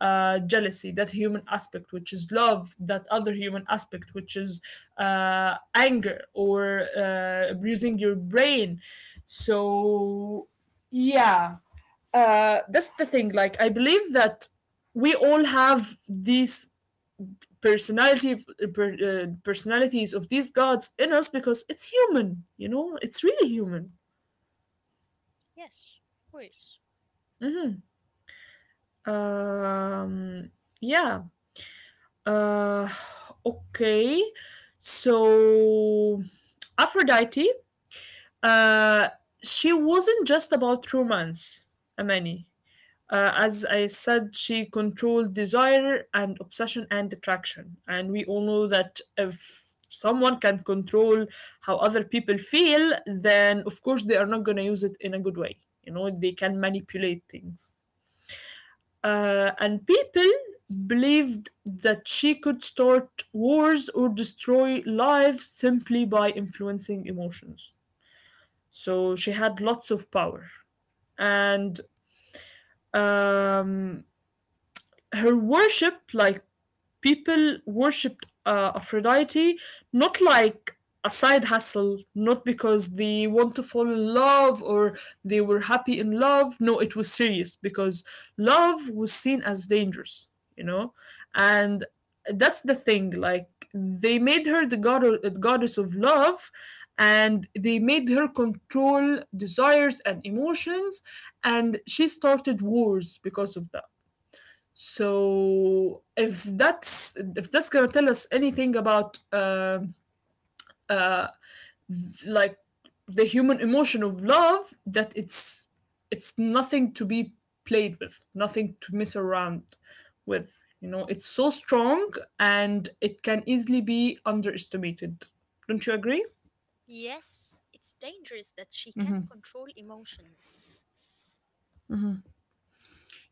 A: uh, jealousy, that human aspect which is love, that other human aspect which is uh, anger or uh, using your brain. So yeah, uh, that's the thing, like I believe that we all have these personality per, uh, personalities of these gods in us, because it's human, you know, it's really human.
B: Yes, of course.
A: hmm um yeah. uh okay so Aphrodite, uh she wasn't just about romance, Amani. Uh, as I said, she controlled desire and obsession and attraction. And we all know that if someone can control how other people feel, then of course they are not going to use it in a good way. You know, they can manipulate things. Uh, and people believed that she could start wars or destroy lives simply by influencing emotions. So she had lots of power. And um, her worship, like people worshipped uh, Aphrodite not like a side hustle, not because they want to fall in love or they were happy in love. No, it was serious because love was seen as dangerous, you know? And that's the thing. Like, they made her the god the goddess of love and they made her control desires and emotions and she started wars because of that. So if that's if that's gonna tell us anything about um uh, like the human emotion of love, that it's it's nothing to be played with, nothing to mess around with. You know, it's so strong and it can easily be underestimated. Don't you agree?
B: Yes, it's dangerous that she can control emotions.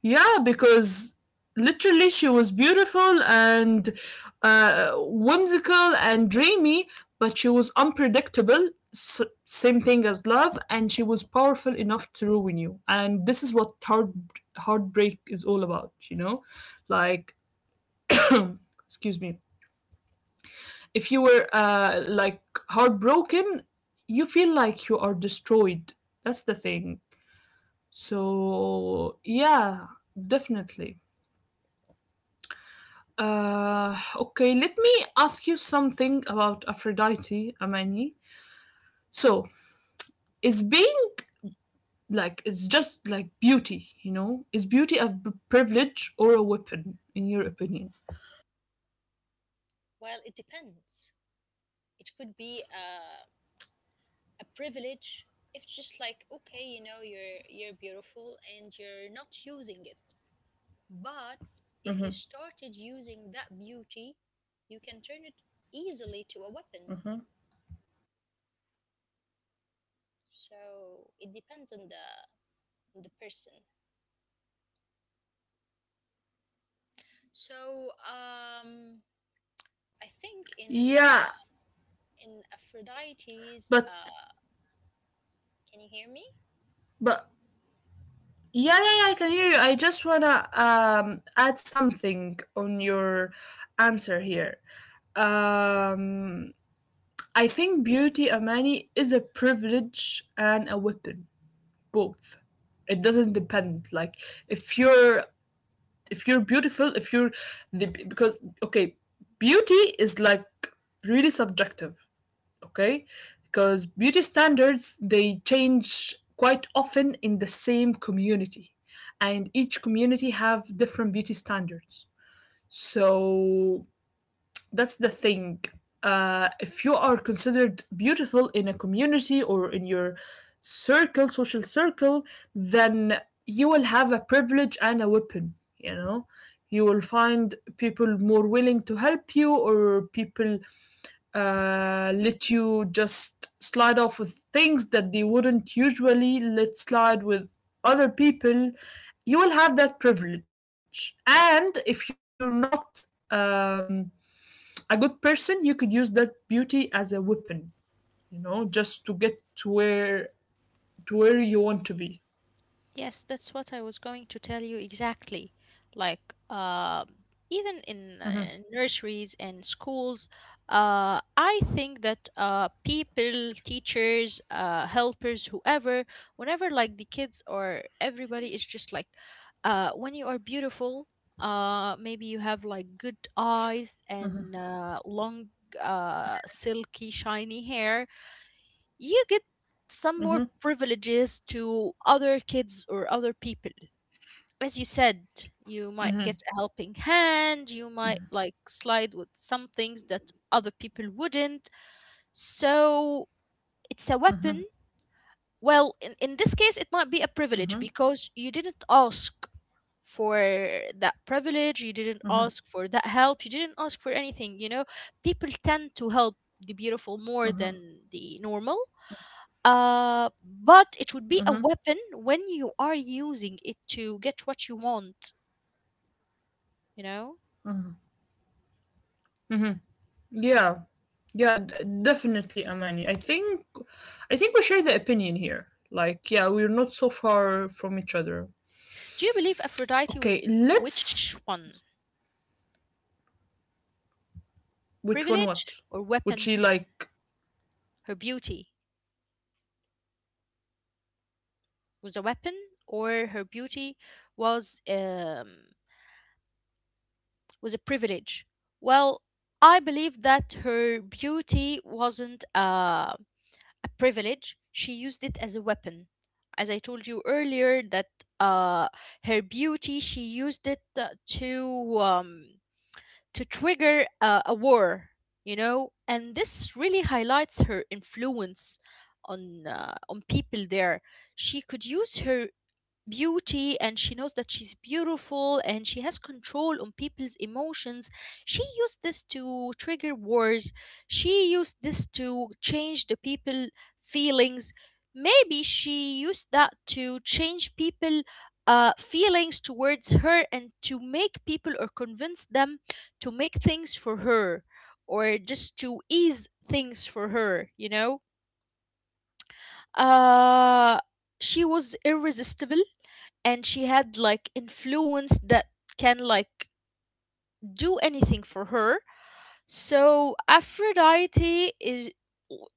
A: Yeah, because literally she was beautiful and uh, whimsical and dreamy, but she was unpredictable. S- same thing as love, and she was powerful enough to ruin you. And this is what heart heartbreak is all about. You know, like excuse me, if you were uh, like heartbroken, you feel like you are destroyed. That's the thing. So yeah, definitely. Uh, okay, let me ask you something about Aphrodite, Amani. So, is being like, it's just like beauty, you know? Is beauty a b- privilege or a weapon, in your opinion?
B: Well, it depends. It could be uh, a privilege if just like okay, you know, you're you're beautiful and you're not using it. But if you started using that beauty, you can turn it
A: Mm-hmm.
B: easily to a weapon. So it depends on the on the person. So um, I think in
A: Yeah,
B: uh, in Aphrodite's.
A: but
B: Uh, can you hear me?
A: but yeah, yeah, yeah, I can hear you. I just wanna um add something on your answer here. Um, I think beauty, Amani, is a privilege and a weapon, both. It doesn't depend, like if if you're beautiful, if you're the, because okay, beauty is like really subjective, okay, because beauty standards they change quite community, and each community have different beauty standards, so that's the thing. Uh, if you are considered beautiful in a community or in your circle, social circle, then you will have a privilege and a weapon, you know? You will find people more willing to help you, or people uh, let you just slide off with things that they wouldn't usually let slide with other people. You will have that privilege. And if you're not um, a good person, you could use that beauty as a weapon, you know, just to get to where to where you want to be.
B: Yes, that's what I was going to tell you exactly. Like, uh, even
A: hmm
B: in uh, nurseries and schools, uh, I think that uh, people, teachers, uh, helpers, whoever, whenever like the kids or everybody is just like, uh, when you are beautiful, uh, maybe you have like good eyes and uh, long, uh, silky, shiny hair, you get some more
A: hmm
B: privileges to other kids or other people. As you said, you might
A: hmm
B: get a helping hand, you might like slide with some things that other people wouldn't. So it's a weapon. Well, in, in this case, it might be a privilege because you didn't ask for that privilege, you didn't ask for that help, you didn't ask for anything. You know, people tend to help the beautiful
A: hmm
B: more than the normal. Uh, but it would
A: hmm
B: be a weapon when you are using it to get what you want, you know?
A: yeah. yeah d- Definitely, Amani. I think i think we share the opinion here. Like, yeah, we're not so far from each other.
B: Do you believe Aphrodite with
A: Okay,
B: which
A: let's—
B: one?
A: Which one?
B: Privilege
A: What
B: or
A: would
B: weapon?
A: she like?
B: Her beauty was a weapon, or her beauty was um, was a privilege? Well, I believe that her beauty wasn't uh a privilege, she used it as a weapon. As I told you earlier, that uh, her beauty, she used it uh, to um, to trigger uh, a war, you know. And this really highlights her influence on uh, on people there. She could use her beauty, and she knows that she's beautiful and she has control on people's emotions. She used this to trigger wars, she used this to change the people feelings. Maybe she used that to change people uh, feelings towards her and to make people or convince them to make things for her, or just to ease things for her, you know. uh she was irresistible, and she had like influence that can like do anything for her. So Aphrodite is,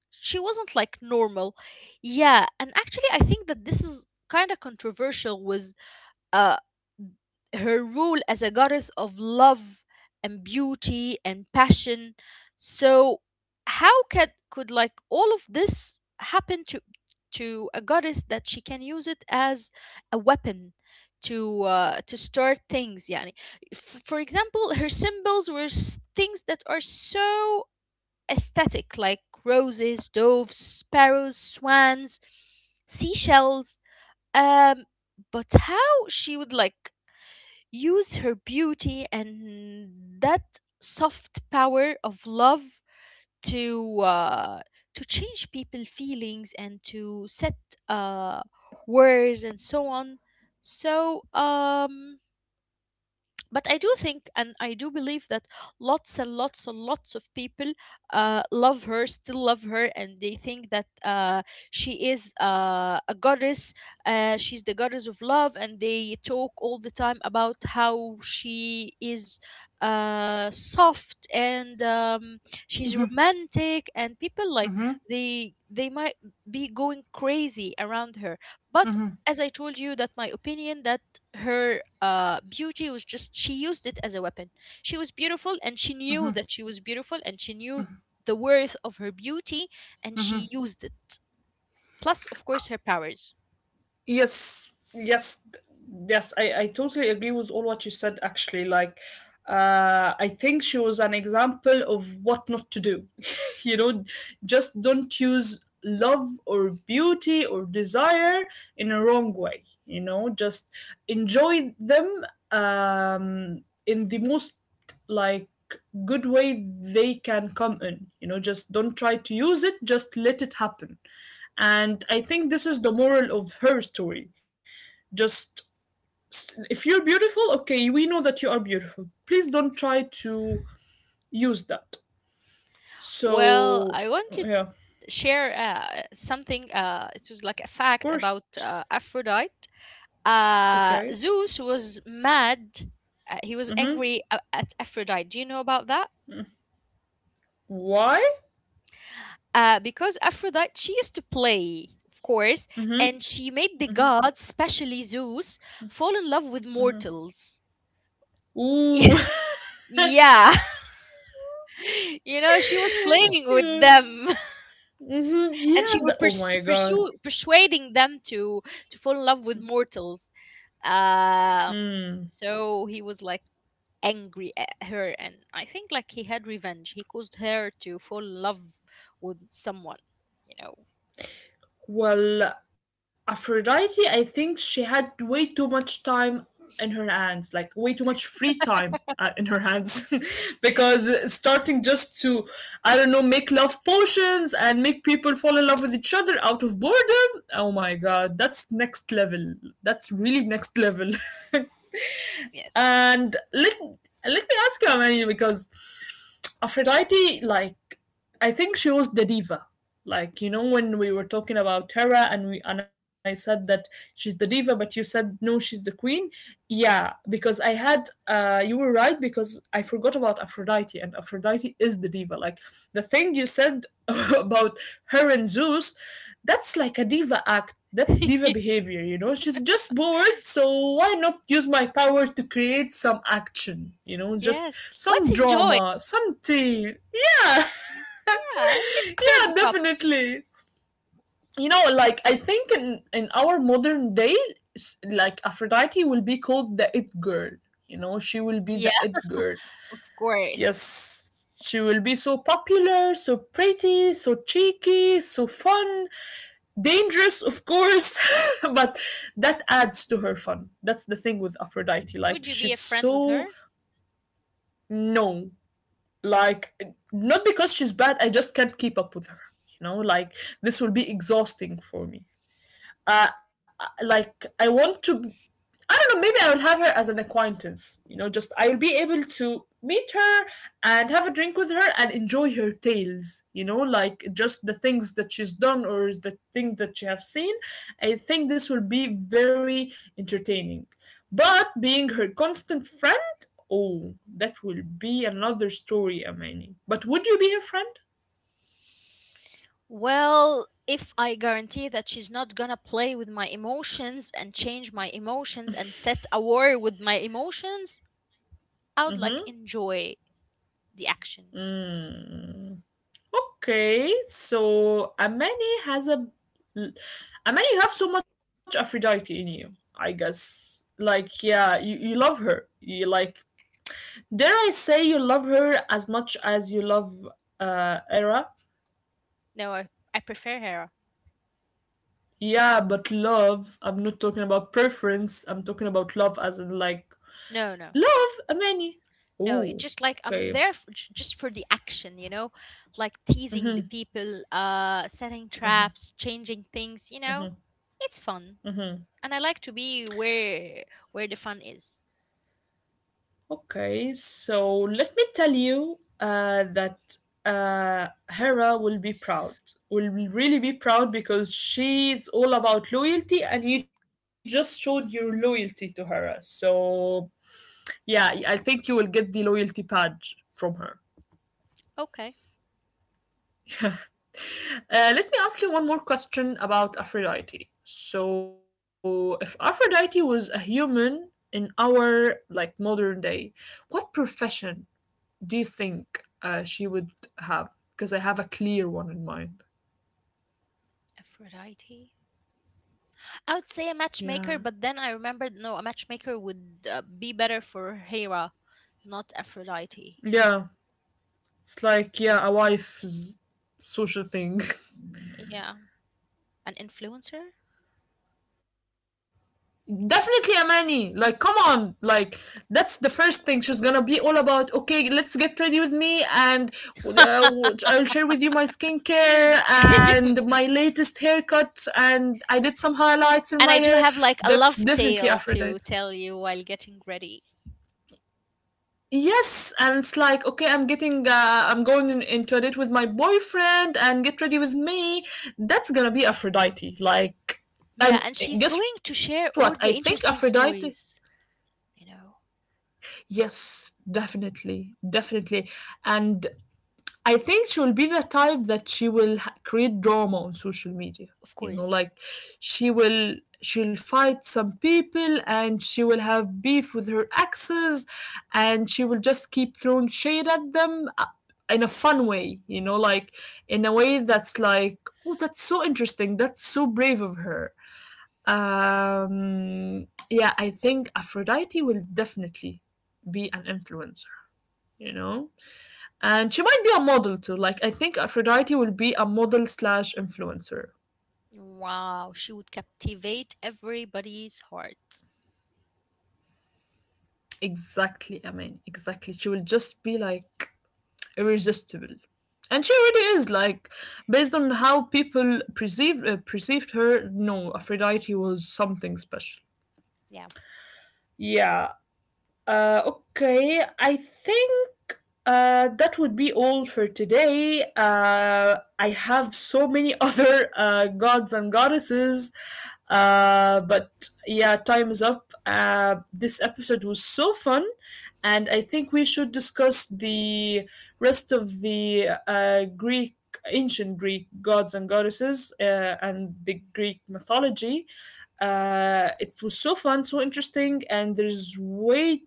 B: she wasn't like normal. Yeah, and actually I think that this is kind of controversial with uh, her role as a goddess of love and beauty and passion. So how could could like all of this happen to to a goddess that she can use it as a weapon to uh, to start things? Yani, F- for example, her symbols were s- things that are so aesthetic, like roses, doves, sparrows, swans, seashells, um, but how she would like use her beauty and that soft power of love to uh, to change people feelings and to set uh, words and so on. So um, but I do think and I do believe that lots and lots and lots of people uh, love her, still love her, and they think that uh, she is uh, a goddess. Uh, she's the goddess of love, and they talk all the time about how she is uh, soft and um, she's romantic, and people like
A: Mm-hmm.
B: they they might be going crazy around her, but.
A: Mm-hmm.
B: As I told you, that my opinion that her uh, beauty was just she used it as a weapon. She was beautiful and she knew
A: Mm-hmm.
B: that she was beautiful, and she knew the worth of her beauty and she used it, plus of course her powers.
A: Yes, yes, th- yes. I, I totally agree with all what you said. Actually, like, uh, I think she was an example of what not to do. You know, just don't use love or beauty or desire in a wrong way. You know, just enjoy them, um, in the most, like, good way they can come in. You know, just don't try to use it. Just let it happen. And I think this is the moral of her story. Just, if you're beautiful, okay, we know that you are beautiful. Please don't try to use that.
B: Well,
A: So,
B: I want to
A: yeah,
B: share uh, something, uh, it was like a
A: of
B: fact about
A: course.
B: uh, Aphrodite. Uh,
A: Okay.
B: Zeus was mad, uh, he was
A: Mm-hmm.
B: angry a- at Aphrodite. Do you know about that?
A: Why?
B: Uh, because Aphrodite she used to play, of course,
A: Mm-hmm.
B: and she made the gods, especially Zeus, fall in love with mortals.
A: Ooh.
B: Yeah, you know she was playing with
A: Yeah.
B: them,
A: Mm-hmm.
B: and
A: Yeah.
B: she was
A: The, oh
B: pers-
A: my god.
B: pursue- persuading them to to fall in love with mortals. Um,
A: Hmm.
B: so he was like angry at her, and I think like he had revenge. He caused her to fall in love with someone. You know.
A: Well, Aphrodite, I think she had way too much time in her hands, like way too much free time uh, in her hands, because starting just to, I don't know, make love potions and make people fall in love with each other out of boredom. Oh my god, that's next level. That's really next level.
B: Yes.
A: And let let me ask you, Amani, because Aphrodite, like, I think she was the diva. Like, you know, when we were talking about Tara and we and I said that she's the diva, but you said no, she's the queen. Yeah, because I had, uh, you were right, because I forgot about Aphrodite, and Aphrodite is the diva. Like, the thing you said about her and Zeus, that's like a diva act. That's diva behavior, you know? She's just bored, so why not use my power to create some action, you know? Just
B: Yes, let's
A: some
B: enjoy.
A: drama, some tea. Yeah.
B: Yeah, she stirred the
A: Yeah,
B: cup.
A: definitely. You know, like, I think in in our modern day, s- like, Aphrodite will be called the it girl. You know, she will be
B: Yeah,
A: the it girl.
B: of course.
A: Yes, she will be so popular, so pretty, so cheeky, so fun, dangerous, of course, but that adds to her fun. That's the thing with Aphrodite, like,
B: Would you be
A: she's
B: a friend with her?
A: so known. Like, not because she's bad, I just can't keep up with her. You know, like, this will be exhausting for me. uh, like, I want to. I don't know. Maybe I will have her as an acquaintance. You know, just, I will able to meet her and have a drink with her and enjoy her tales. You know, like, just the things that she's done or the thing that she have seen. I think this will be very entertaining. But being her constant friend, oh, that will be another story, Amani. But would you be her friend?
B: Well, if I guarantee that she's not gonna play with my emotions and change my emotions and set a war with my emotions, I would like enjoy the action.
A: Mm-hmm. Mm. Okay, so Amani has a— Amani, you have so much Aphrodite in you, I guess. Like, yeah, you, you love her. You, like, dare I say, you love her as much as you love, uh, Era?
B: No, I, I prefer her.
A: Yeah, but love, I'm not talking about preference, I'm talking about love as in, like,
B: No, no,
A: love, Amani.
B: no. It
A: Ooh,
B: just like I'm
A: okay.
B: there for, just for the action, you know, like teasing the people, uh, setting traps, changing things, you know. It's fun. And I like to be where where the fun is.
A: Okay, so let me tell you, uh, that uh, Hera will be proud, will really be proud because she's all about loyalty, and you just showed your loyalty to Hera. So, yeah, I think you will get the loyalty badge from her.
B: Okay.
A: Uh, let me ask you one more question about Aphrodite. So, if Aphrodite was a human in our, like, modern day, what profession you think uh, she would have? Because I have a clear one in mind.
B: Aphrodite? I would say a
A: Yeah.
B: matchmaker, but then I remembered no, a matchmaker would uh, be better for Hera, not Aphrodite.
A: Yeah. It's
B: S-
A: like, yeah, a wife's social thing.
B: Yeah, an influencer.
A: Definitely, Amani. Like, come on. Like, that's the first thing. She's gonna be all about, okay, let's get ready with me, uh, I'll share with you my skincare and my latest haircut, and I did some highlights in
B: And
A: my
B: I do
A: hair.
B: have like a
A: That's
B: love
A: definitely
B: tale to
A: Aphrodite.
B: tell you while getting ready.
A: Yes, and it's like, okay, I'm getting, uh, I'm going in, into a date with my boyfriend, and get ready with me. That's gonna be Aphrodite. Like,
B: Yeah,
A: and
B: and she's
A: guess
B: going
A: what?
B: to
A: I
B: share
A: think
B: all the
A: Aphrodite.
B: interesting stories, you know,
A: Yes, definitely, definitely. And I think she will be the type that she will ha- create drama on social media.
B: of
A: You know,
B: course.
A: like, she will she'll fight some people, and she will have beef with her exes, and she will just keep throwing shade at them, uh, in a fun way, you know, like, in a way that's like, oh, that's so interesting. That's so brave of her. Um, yeah, I think Aphrodite will definitely be an influencer, you know? And she might be a model too. Like, I think Aphrodite will be a model slash influencer.
B: Wow, she would captivate everybody's heart.
A: Exactly, I mean, exactly. She will just be, like, irresistible, and she already is. Like, based on how people perceived, uh, perceived her, no, Aphrodite was something special.
B: Yeah.
A: Yeah. Uh, okay, I think uh, that would be all for today. Uh, I have so many other, uh, gods and goddesses, uh, but yeah, time is up. Uh, this episode was so fun, and I think we should discuss the rest of the, uh, Greek. Ancient Greek gods and goddesses, uh, and the Greek mythology. Uh, it was so fun, so interesting, and there's way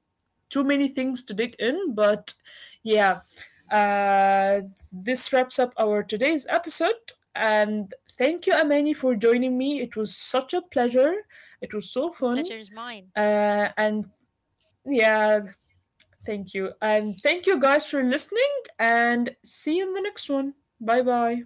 A: too many things to dig in, but yeah, uh, this wraps up our today's episode. And thank you, Amani, for joining me. It was such a pleasure. It was so
B: The
A: fun.
B: pleasure is mine.
A: Uh, and yeah, thank you. And thank you guys for listening, and see you in the next one. Bye bye.